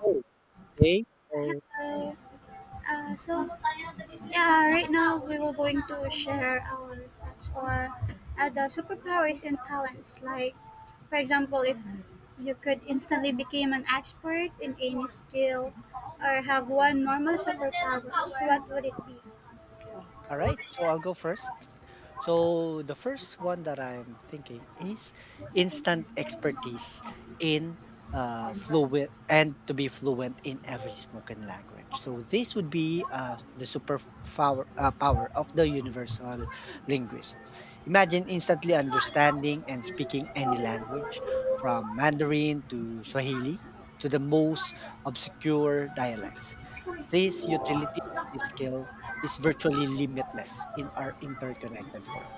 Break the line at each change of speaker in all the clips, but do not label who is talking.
Oh, Okay. So,
Hello. Uh, so, yeah, right now we were going to share our thoughts or the superpowers and talents. Like, for example, if you could instantly become an expert in any skill or have one normal superpower, what would it be?
all right. So I'll go first. So the first one that I'm thinking is instant expertise in fluent and to be fluent in every spoken language. So this would be the power of the universal linguist. Imagine instantly understanding and speaking any language from Mandarin to Swahili to the most obscure dialects. This utility skill is virtually limitless in our interconnected world.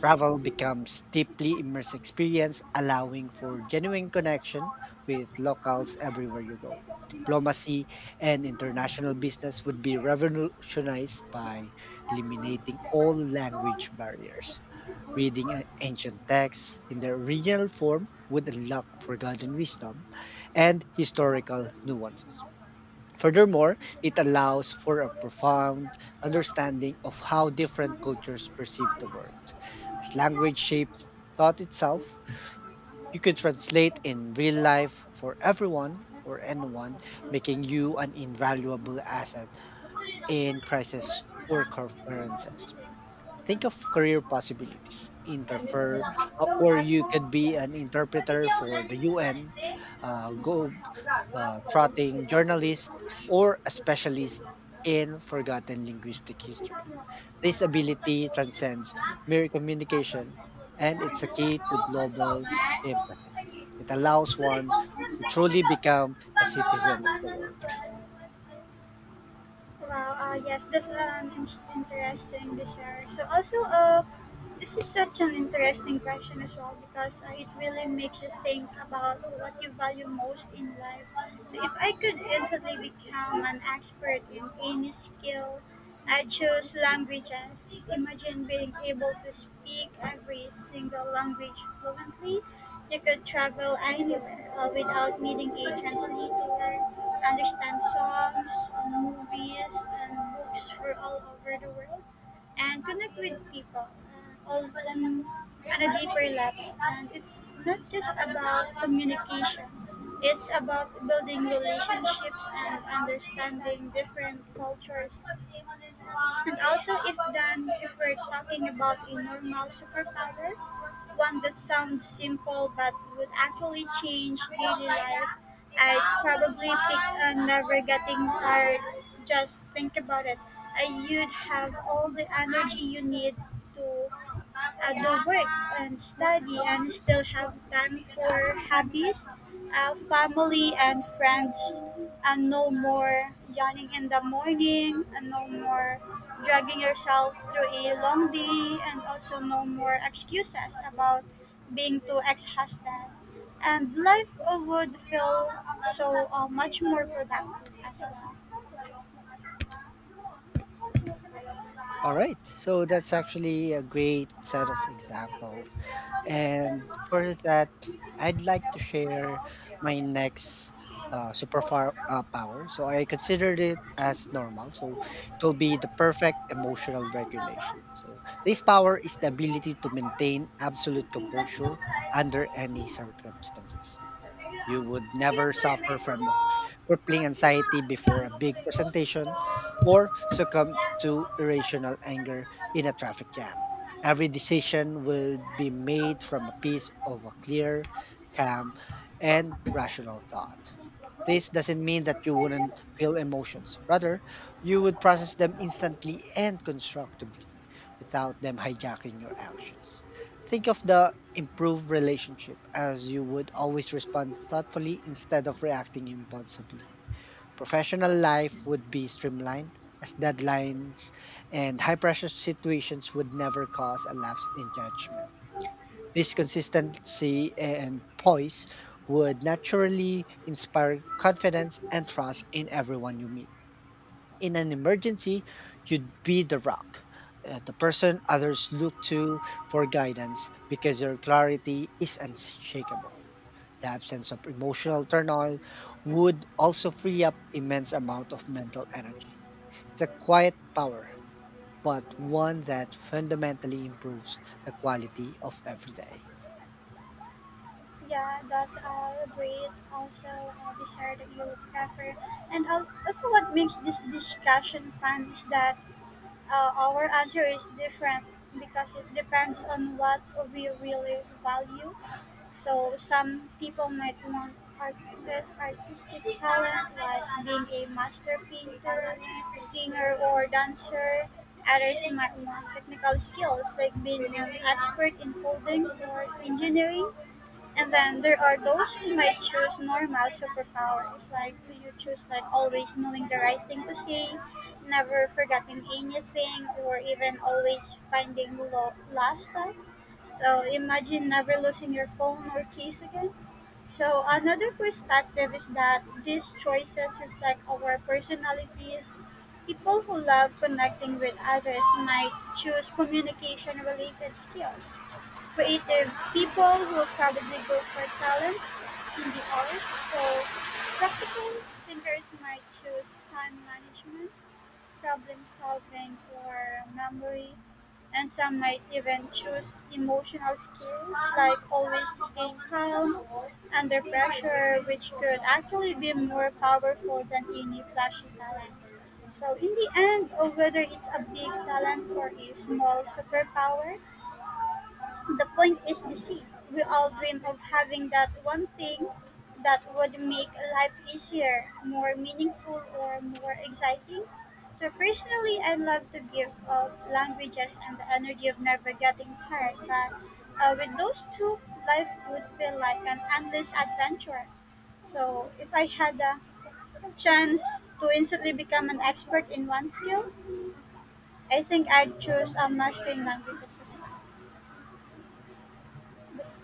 Travel becomes deeply immersive experience, allowing for genuine connection with locals everywhere you go. Diplomacy and international business would be revolutionized by eliminating all language barriers. Reading an ancient texts in their original form would unlock forgotten wisdom and historical nuances. Furthermore, it allows for a profound understanding of how different cultures perceive the world. As language shapes thought itself, you could translate in real life for everyone or anyone, making you an invaluable asset in crisis or conferences. Think of career possibilities.
Ano ano ano
Or you could be an interpreter for the UN, go trotting journalist, or a specialist in forgotten linguistic history. This ability transcends mere communication and it's a key to global empathy. It allows one to truly become a
Thank
citizen of the
ano
world.
Wow, yes, that's an interesting desire. This is such an interesting question as well because it really makes you think about what you value most in life. So if I could instantly become an expert in any skill, I choose languages. Imagine being able to speak every single language fluently. You could travel anywhere without needing a translator, understand songs, movies, and books from all over the world, and connect with people on a deeper level. And it's not just about communication; it's about building relationships and understanding different cultures. And also, if we're talking about a normal superpower, one that sounds simple but would actually change daily life, I'd probably pick a never getting tired. Just think about it. You'd have all the energy you need to at the work and study and still have time for hobbies, family and friends, and no more yawning in the morning, and no more dragging yourself through a long day, and also no more excuses about being too exhausted, and life would feel so much more productive as
All right. So that's actually a great set of examples. And for that, I'd like to share
well.
my next power. So I considered it as normal. So it will be the perfect emotional regulation. So this power is the ability to maintain absolute composure under any circumstances. You would never suffer from a crippling anxiety before a big presentation or succumb to irrational anger in a traffic jam. Every decision would be made from a piece of a clear, calm, and rational thought. This doesn't mean that you wouldn't feel emotions. Rather, you would process them instantly and constructively without them hijacking your actions. Think of the improved relationship as you would always respond thoughtfully instead of reacting impulsively. Professional life would be streamlined as deadlines and high pressure situations would never cause a lapse in judgment. This consistency and poise would naturally inspire confidence and trust in everyone you meet in an emergency, you'd be the rock, the person others look to for guidance because your clarity is unshakable. The absence of emotional turmoil would also free up immense amount of mental energy. It's a quiet power, but one that fundamentally improves the quality of every day.
Yeah, that's all great. Also, a dessert that you prefer. And also, what makes this discussion fun is that our answer is different because it depends on what we really value. So some people might want art- artistic talent like being a master painter, singer, or dancer. Others might want technical skills like being an expert in coding or engineering. And then there are those who might choose normal superpowers, like do you choose like always knowing the right thing to say, never forgetting anything, or even always finding lost time. So imagine never losing your phone or keys again. So
Mm.
another perspective is that these choices reflect our personalities. People who love connecting with others might choose communication related skills, creative people who probably go for talents in the arts. So practical thinkers might choose time management, problem solving, or memory. And some might even choose emotional skills like always staying calm under pressure, which could actually be more powerful than any flashy talent. So, in the end, whether it's a big talent or a small superpower, the point is the sea. We all dream of having that one thing that would make life easier, more meaningful, or more exciting. So personally, I love to give of languages and the energy of never getting tired. But with those two, life would feel like an endless adventure. So if I had a chance to instantly become an expert in one skill, I think I'd choose mastering languages as well.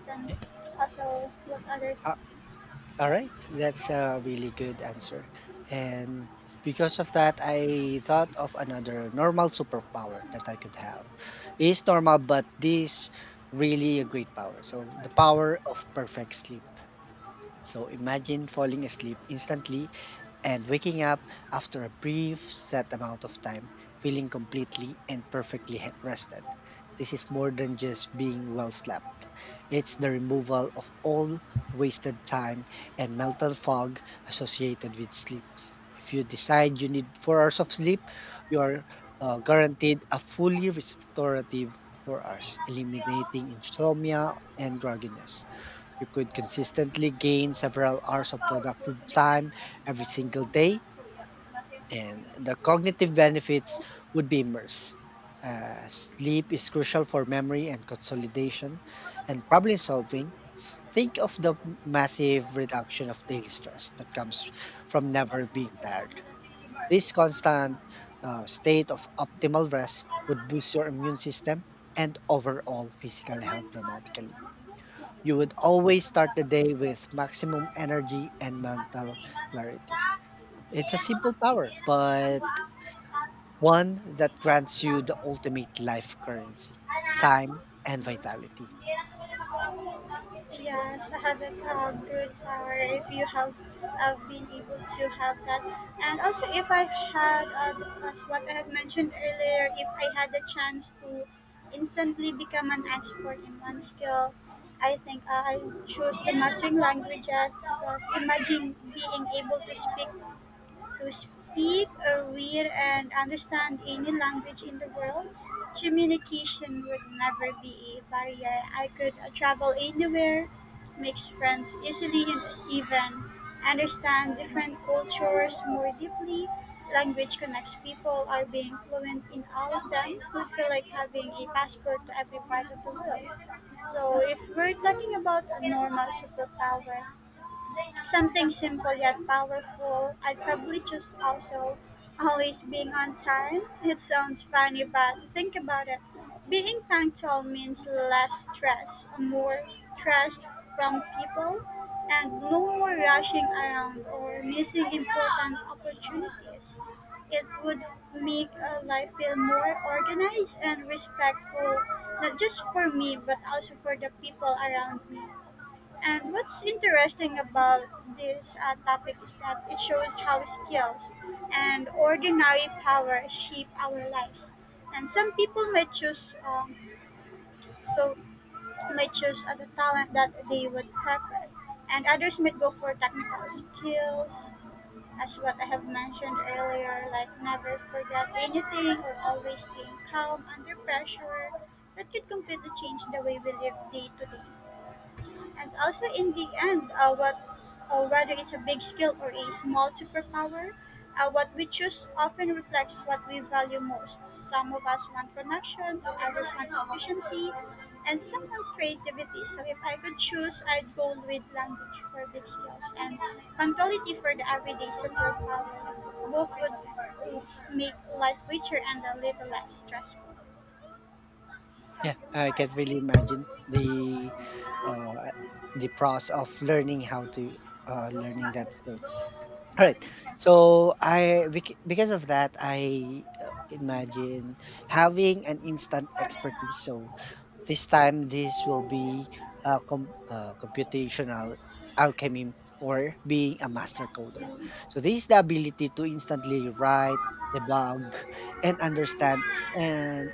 Than also with other
Uh,
countries.
alright, that's a really good answer. And because of that, I thought of another normal superpower that I could have. It's normal, but this really a great power. So the power of perfect sleep. So imagine falling asleep instantly and waking up after a brief set amount of time feeling completely and perfectly rested. This is more than just being well slept. It's the removal of all wasted time and mental fog associated with sleep. If you decide you need 4 hours of sleep, you are guaranteed a fully restorative 4 hours, eliminating insomnia and grogginess. You could consistently gain several
Mas
hours of
powerful
productive
sa may
time
regla
every
sila kung
single
kumuna
day,
ng Korea natin ang
and the
discrimination.
cognitive benefits would be immense. Sleep is crucial for memory and consolidation and problem solving. Think of the massive reduction of daily stress that comes from never being tired. This constant state of optimal rest
Sana
would
kasi
boost your
lang sa
immune system and overall physical health dramatically you would always start the day with maximum energy and
ako sa
mental
rin natin
clarity.
sa
It's a simple
hindi
power,
na tumakbo
but
ako sa tas.
one
Hindi
that
na
grants you
tumakbo
the
ako.
ultimate life currency
Anak,
time and vitality.
hindi lang. Yes, have a good power if you have been able to have that. And also, if I had, as what I have mentioned earlier, if I had the chance to instantly become an expert in one skill, I think I choose the mastering languages because imagine being able to speak, read, and understand any language in the world, communication would never be a barrier. I could travel anywhere, make friends easily, and even understand different cultures more deeply. Language connects people, or being fluent in all of them would feel like having a passport to every part of the world. So, if we're talking about a normal superpower, something simple yet powerful. I'd probably choose also always being on time. It sounds funny, but think about it. Being punctual means less stress, more trust from people, and no more rushing around or missing important opportunities. It would make life feel more organized and respectful, not just for me, but also for the people around me. And what's interesting about this topic is that it shows how skills and ordinary power shape our lives. And some people may choose, so may choose the talent that they would prefer, and others may go for technical skills, as what I have mentioned earlier, like never forget anything or always staying calm under pressure. That could completely change the way we live day to day. And also, in the end, whether it's a big skill or a small superpower, what we choose often reflects what we value most. Some of us want connection, others want efficiency, and some want creativity. So, if I could choose, I'd go with language for big skills and punctuality for the everyday superpower. Both would make life richer and a little less stressful.
Yeah, I can really imagine the uh, the process of learning how to
Go,
learning that skill.
go, balik
Alright.
mo si next week.
So I bec because of that, I, imagine having an instant expertise. So this time, this will be computational alchemy or being a master coder. So this is the ability to instantly write, debug, and understand and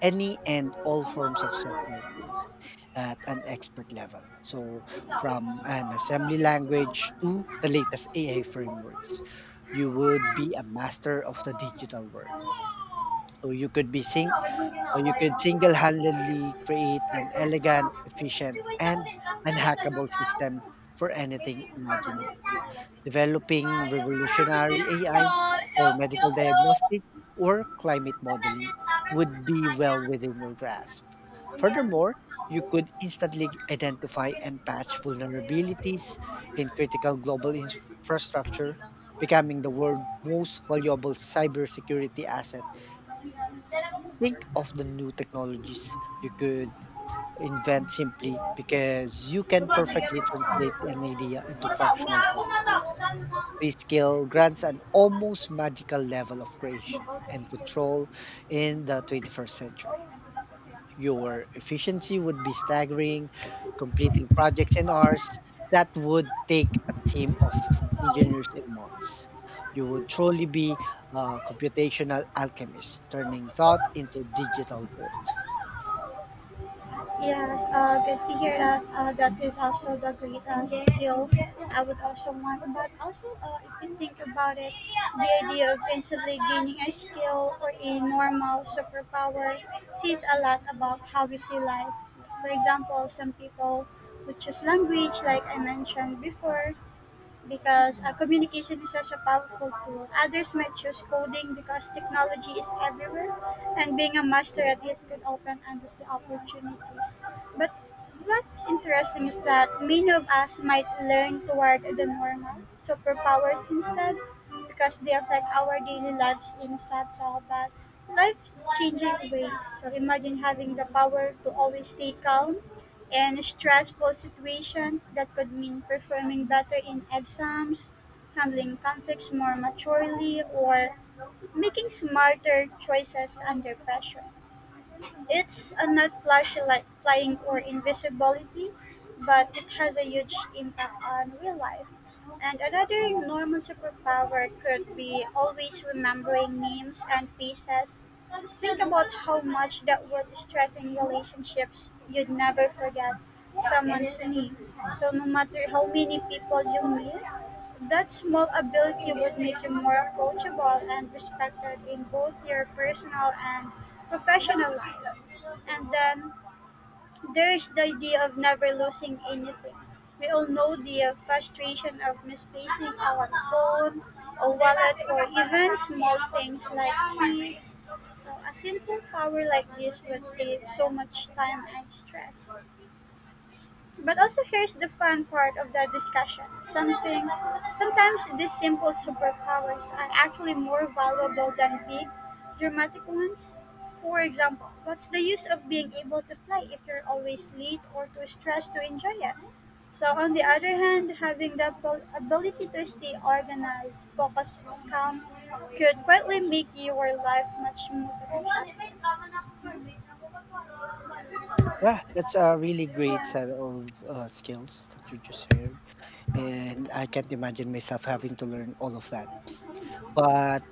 any and all forms of software code at an expert level. So
Wait
from
lang daw.
an assembly language
Tawag.
to the latest AI frameworks, you would be a master of the digital world. So you could single-handedly create an elegant, efficient,
Iwait ako
and
rin. Tapos ka na ganun
unhackable
sa ako.
system for anything imaginable developing
Mayo.
revolutionary
Yar,
AI for
yar,
medical
yar, yar.
diagnostics or climate
Ang
modeling
nandiyan, tapos sa
would be
kampanya,
well
ang
within your
nandiyan.
grasp.
Kung kailan
Furthermore, you
ako,
could
kung kailan ako, kung
instantly
kailan ako, kung
identify
kailan
and
ako, Kung
patch
kailan ako,
vulnerabilities in critical global infrastructure, becoming the world's most valuable cybersecurity asset.
Dala ko po ba?
Think of the new technologies you could invent simply because you can perfectly
Yes,
translate an idea into functional software. This skill grants an almost magical level of creation and control in the 21st century. Your efficiency would be staggering, completing projects in hours that would take a team of engineers in months. You would truly be a computational alchemist, turning thought into digital gold.
good to hear that. That is also the greatest skill I would also want, but also, if you think about it, the idea of instantly gaining a skill or a normal superpower says a lot about how we see life. For example, some people would choose language, like I mentioned before, because communication is such a powerful tool. Others might choose coding because technology is everywhere, and being a master at it could open endless opportunities. But what's interesting is that many of us might learn toward the normal superpowers instead, because they affect our daily lives in subtle but life-changing ways. So imagine having the power to always stay calm in stressful situations that could mean performing better in exams, handling conflicts more maturely, or making smarter choices under pressure. It's not flashy like flying or invisibility, but it has a huge impact on real life. And another normal superpower could be always remembering names and faces. Think about how much that would strengthen relationships. You'd never forget someone's name. So no matter how many people you meet, that small ability would make you more approachable and respected in both your personal and professional life. And then there's the idea of never losing anything. We all know the frustration of misplacing our phone, a wallet, or even small things like keys. So a simple power like this would save so much time and stress. But also here's the fun part of the discussion. Something Sometimes these simple superpowers are actually more valuable than big dramatic ones. For example, what's the use of being able to fly if you're always late or too stressed to enjoy it? So on the other hand, having the ability to stay organized, focused, and calm could greatly make your life much smoother.
Yeah, that's a really great
Yeah.
set of skills that you just shared. And I can't imagine myself having to learn all of that. But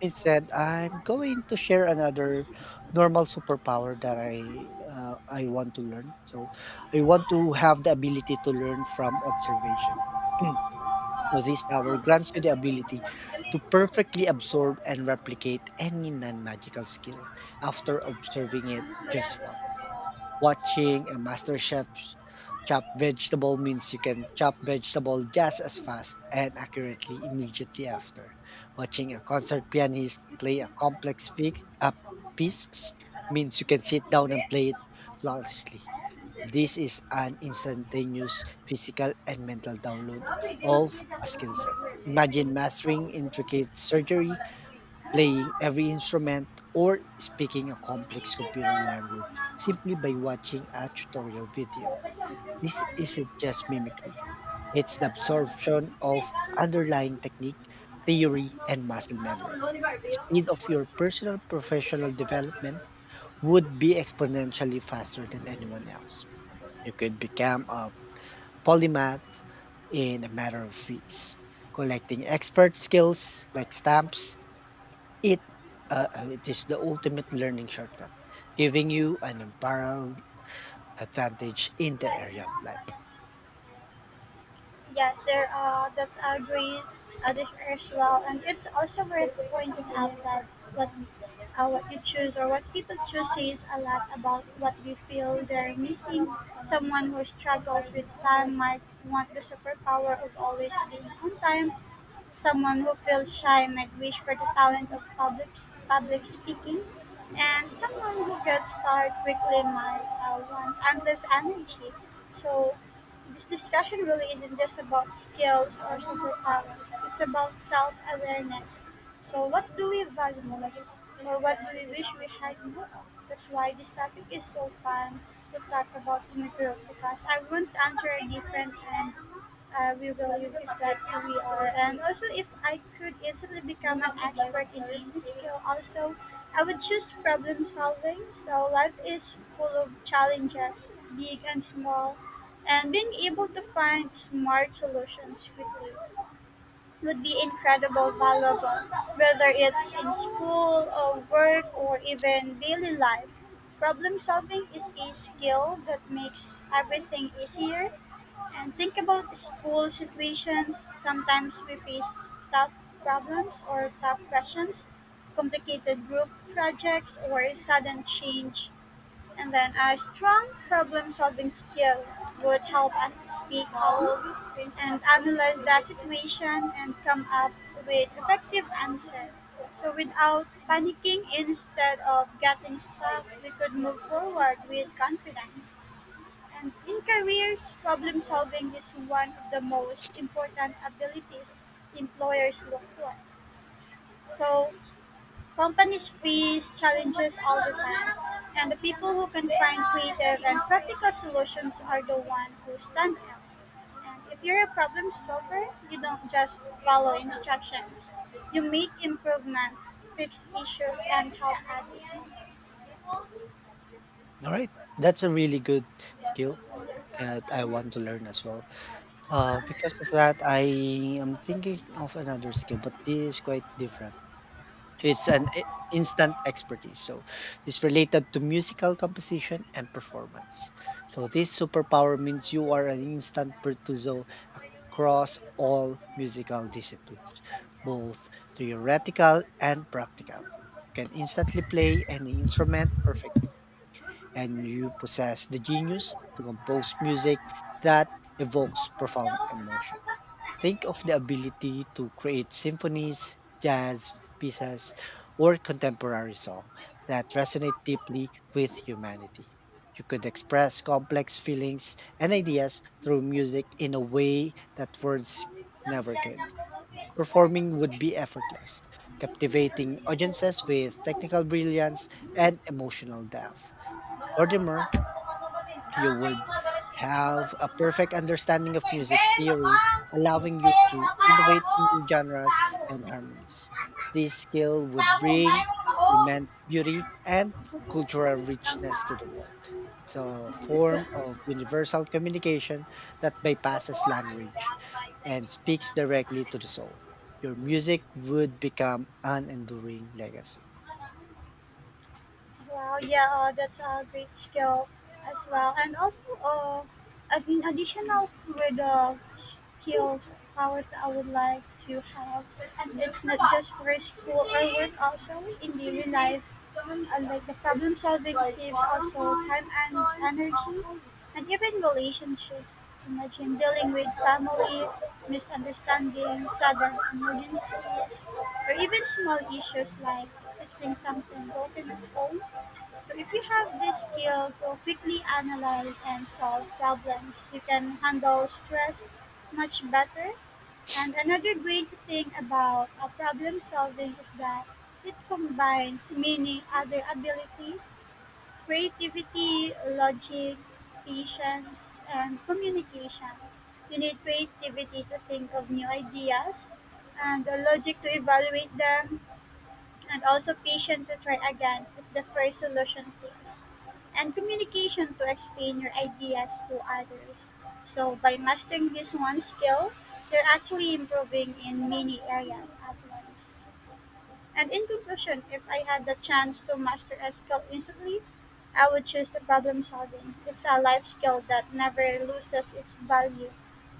instead said, "I'm going to share another normal superpower that I want to learn." So, I want to have the ability to learn from observation. So this power grants you the ability to perfectly absorb and replicate any non-magical skill after observing it just once. Watching a master chef chop vegetable means you can chop vegetable just as fast and accurately immediately after. Watching a concert pianist play a complex piece means you can sit down and play it flawlessly. This is an instantaneous physical and mental download of a skill set. Imagine mastering intricate surgery playing every instrument, or speaking a complex computer language simply by watching a tutorial video. This isn't just mimicry, it's the absorption of underlying technique, theory, and muscle memory. The speed of your personal professional development would be exponentially faster than anyone else. You could become a polymath in a matter of weeks, collecting expert skills like stamps it it is the ultimate learning shortcut, giving you an unparalleled advantage in the
Depende
area
na
of life.
naman. Yes, sir. That's a great addition as well, and it's also worth pointing out that what what you choose or what people choose says a lot about what they feel they're missing. Someone who struggles with time might want the superpower of always being on time. Someone who feels shy might wish for the talent of public speaking, and someone who gets tired quickly might want endless energy. So this discussion really isn't just about skills or simple superpowers. It's about self awareness. So, what do we value most? Or what do we wish we had more of? That's why this topic is so fun to talk about in a group because everyone's answer are different and we really reflect who we are. And also, if I could instantly become an expert in any skill, also, I would choose problem solving. So, life is full of challenges, big and small, and being able to find smart solutions quickly would be incredible valuable, whether it's in school or work or even daily life. Problem solving is a skill that makes everything easier, and think about school situations. Sometimes we face tough problems or tough questions, complicated group projects or sudden change, and then a strong problem solving skill would help us stay calm and analyze the situation and come up with effective answer. So without panicking, instead of getting stuck, we could move forward with confidence. And in careers, problem solving is one of the most important abilities employers look for. So companies face challenges all the time, and the people who can find creative and practical solutions are the ones who stand out. And if you're a problem solver, you don't just follow instructions. You make improvements, fix issues, and help others.
All right, that's a really good skill that I want to learn as well. Because of that, I am thinking of another skill, but this is quite different. It's an instant expertise. So it's related to musical composition and performance. So this superpower means you are an instant virtuoso across all musical disciplines, both theoretical and practical. You can instantly play any instrument perfectly, and you possess the genius to compose music that evokes profound emotion. Think of the ability to create symphonies, jazz pieces, or contemporary song that resonate deeply with humanity. You could express complex feelings and ideas through music in a way that words never could. Performing would be effortless, captivating audiences with technical brilliance and emotional depth.
Malo natin pa,
Furthermore,
kapatapatong batin.
you
Nakakay
would
magalas shit, may
have a
mabagyo na.
perfect understanding of
Lakbay,
music
Ben,
theory,
lapang!
allowing you
Sinteng,
to
lapang!
innovate
Ako,
new genres
tamo.
and harmonies. This skill would
Tamo, nai
bring
mo naman ako.
immense beauty and cultural richness to
Lamsa?
the world. It's a form of universal communication that
Opo,
bypasses
ano ba?
language
Babae
and
sa mga
speaks directly
kapatay.
to the soul. Your music would become an enduring legacy.
Wow, yeah, oh, that's a great skill as well. And also, I mean, additional with the skills, powers that I would like to have. It's not just for school or work, also in daily life. Unlike the problem solving saves also time and energy, and even relationships. Imagine dealing with family, misunderstandings, sudden emergencies, or even small issues like fixing something broken at home. So if you have this skill to quickly analyze and solve problems, you can handle stress much better. And another great thing about problem solving is that it combines many other abilities, creativity, logic, patience, and communication. You need creativity to think of new ideas and logic to evaluate them, and also patient to try again if the first solution fails. And communication to explain your ideas to others. So by mastering this one skill, you're actually improving in many areas at once. And in conclusion, if I had the chance to master a skill instantly, I would choose the problem solving. It's a life skill that never loses its value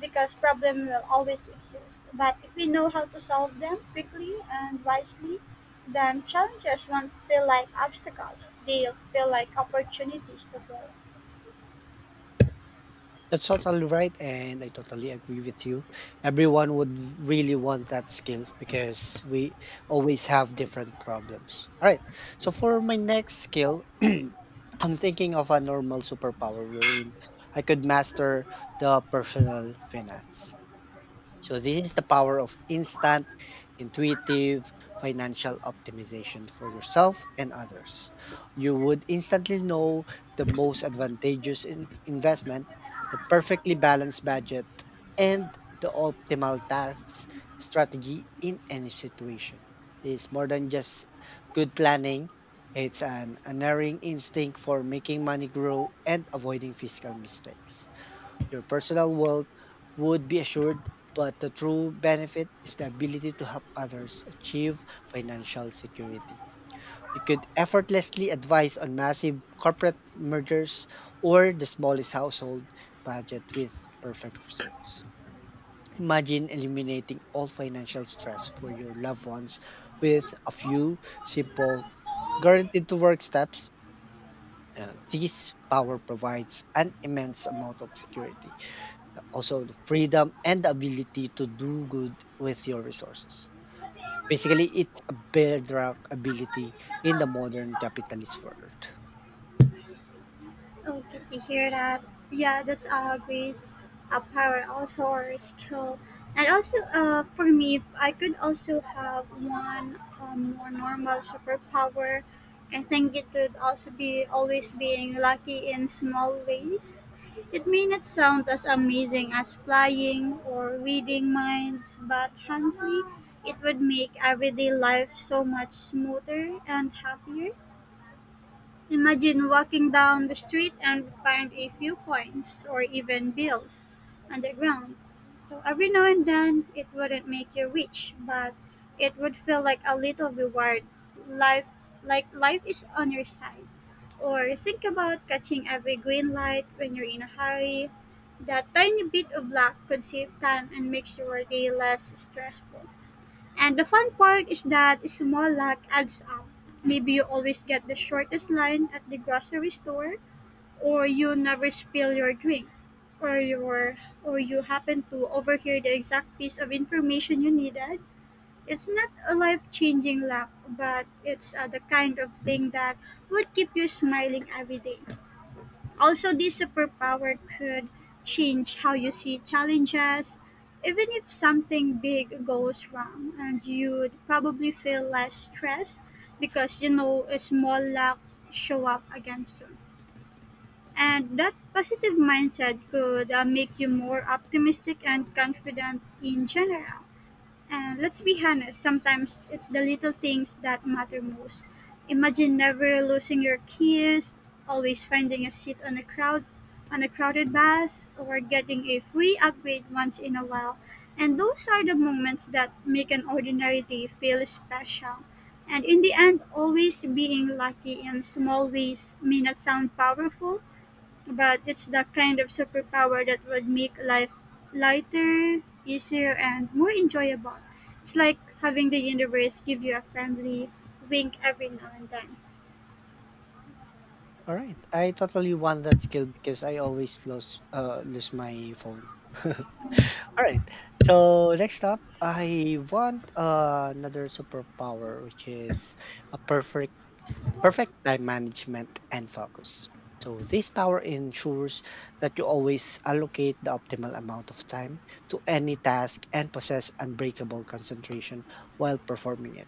because problem will always exist. But if we know how to solve them quickly and wisely, then challenges won't feel like obstacles. They'll feel like opportunities to grow.
That's totally right, and I totally agree with you. Everyone would really want that skill because we always have different problems. All right. So for my next skill, I'm thinking of a normal superpower wherein I could master the personal finance. So this is the power of instant, intuitive financial optimization for yourself and others. You would instantly know the most advantageous investment, the perfectly balanced budget, and the optimal tax strategy in any situation. It's more than just good planning. It's an unerring instinct for making money grow and avoiding fiscal mistakes. Your personal wealth would be assured, but the true benefit is the ability to help others achieve financial security. You could effortlessly advise on massive corporate mergers or the smallest household budget with perfect results. Imagine eliminating all financial stress for your loved ones with a few simple, guaranteed to work steps. This power provides an immense amount of security. Also the freedom and the ability to do good with your resources. Basically, it's a bedrock ability in the modern capitalist world.
Okay, to hear that. Yeah, that's a great a power also or skill. And also, for me, if I could also have one more normal superpower, I think it would also be always being lucky in small ways. It may not sound as amazing as flying or reading minds, but honestly, it would make everyday life so much smoother and happier. Imagine walking down the street and find a few coins or even bills on the ground. So every now and then it wouldn't make you rich, but it would feel like a little reward. Life like life is on your side. Or think about catching every green light when you're in a hurry. That tiny bit of luck could save time and makes your day less stressful. And the fun part is that small luck adds up. Maybe you always get the shortest line at the grocery store, or you never spill your drink, or your or you happen to overhear the exact piece of information you needed. It's not a life-changing luck, but it's the kind of thing that would keep you smiling every day. Also, this superpower could change how you see challenges. Even if something big goes wrong, and you'd probably feel less stressed because you know a small luck show up again soon. And that positive mindset could make you more optimistic and confident in general. And let's be honest, sometimes it's the little things that matter most. Imagine never losing your keys, always finding a seat on a crowded bus, or getting a free upgrade once in a while. And those are the moments that make an ordinary day feel special. And in the end, always being lucky in small ways may not sound powerful, but it's the kind of superpower that would make life lighter, easier, and more enjoyable. It's like having the universe give you a friendly wink every now and then.
All right, I totally want that skill because I always lose my phone. All right, so next up, I want another superpower, which is a perfect time management and focus. So, this power ensures that you always allocate the optimal amount of time to any task and possess unbreakable concentration while performing it.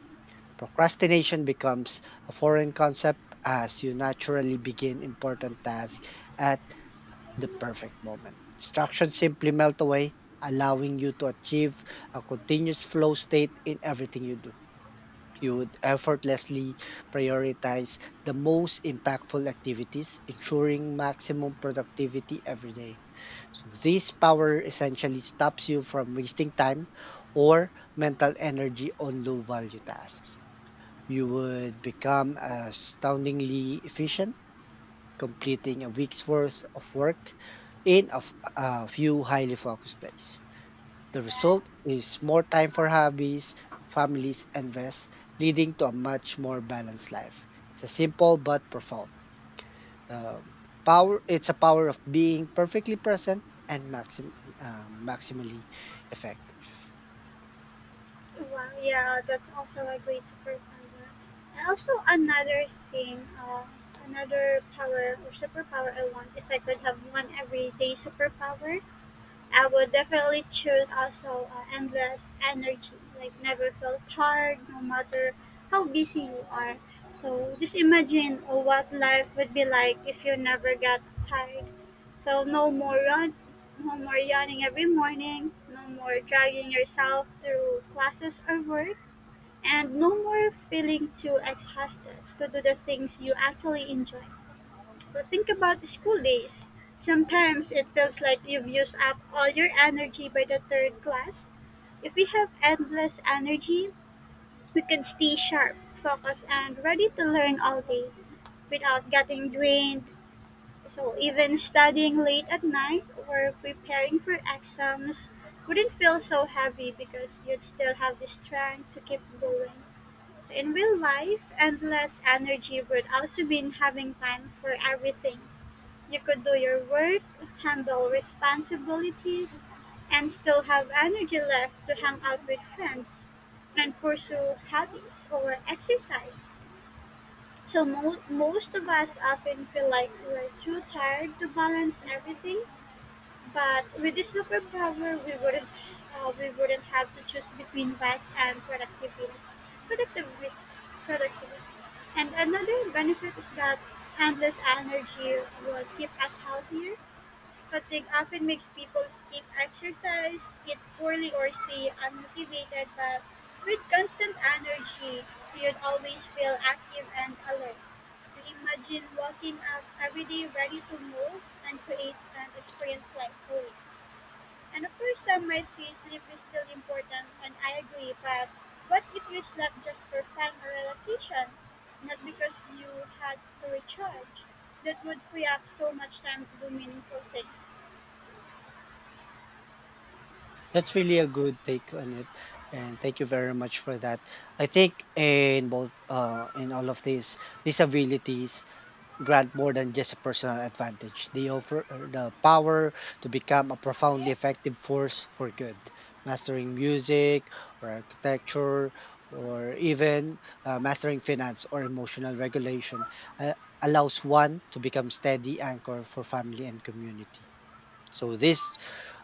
Procrastination becomes a foreign concept as you naturally begin important tasks at the perfect moment. Distractions simply melt away, allowing you to achieve a continuous flow state in everything you do. You would effortlessly prioritize the most impactful activities, ensuring maximum productivity every day. So, this power essentially stops you from wasting time or mental energy on low value tasks. You would become astoundingly efficient, completing a week's worth of work in a few highly focused days. The result is more time for hobbies, families, and rest, leading to a much more balanced life. It's a simple but profound um, power. It's a power of being perfectly present and maximally effective.
Wow, yeah, that's also a great superpower. And also another thing, another power or superpower I want, if I could have one everyday superpower, I would definitely choose also endless energy. Like never felt tired, no matter how busy you are. So just imagine what life would be like if you never got tired. So no more yawn, no more yawning every morning, no more dragging yourself through classes or work, and no more feeling too exhausted to do the things you actually enjoy. But think about school days. Sometimes it feels like you've used up all your energy by the third class. If we have endless energy, we can stay sharp, focused, and ready to learn all day without getting drained. So even studying late at night or preparing for exams wouldn't feel so heavy because you'd still have the strength to keep going. So in real life, endless energy would also mean having time for everything you could do your work, handle responsibilities, and still have energy left to hang out with friends and pursue hobbies or exercise. So most of us often feel like we're too tired to balance everything. But with this superpower, we wouldn't have to choose between rest and productivity. Productivity, productivity. And another benefit is that endless energy will keep us healthier. Fatigue often makes people skip exercise, eat poorly, or stay unmotivated, but with constant energy, you'd always feel active and alert. Imagine walking up every day ready to move and create and experience life fully. And of course, some might say sleep is still important, and I agree, but what if you slept just for fun or relaxation, not because you had to recharge? That would free up so much time to do meaningful things.
That's really a good take on it, and thank you very much for that. I think in both in all of these abilities grant more than just a personal advantage. They offer the power to become a profoundly effective force for good, mastering music or architecture or even mastering finance or emotional regulation uh, allows one to become steady anchor for family and community. So this,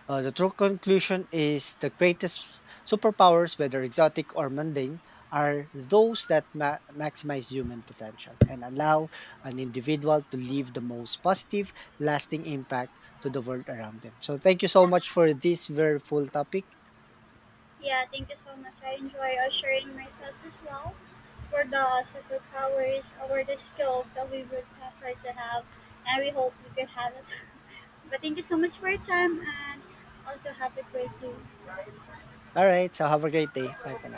uh, the true conclusion is the greatest superpowers, whether exotic or mundane, are those that maximize human potential and allow an individual to leave the most positive, lasting impact to the world around them. So thank you so much for this very full topic.
Yeah, thank you so much. I enjoy sharing myself as well for the superpowers or the skills that we would prefer to have, and we hope you could have it. But thank you so much for your time, and also have a great day.
All right. So have a great day. Bye for now.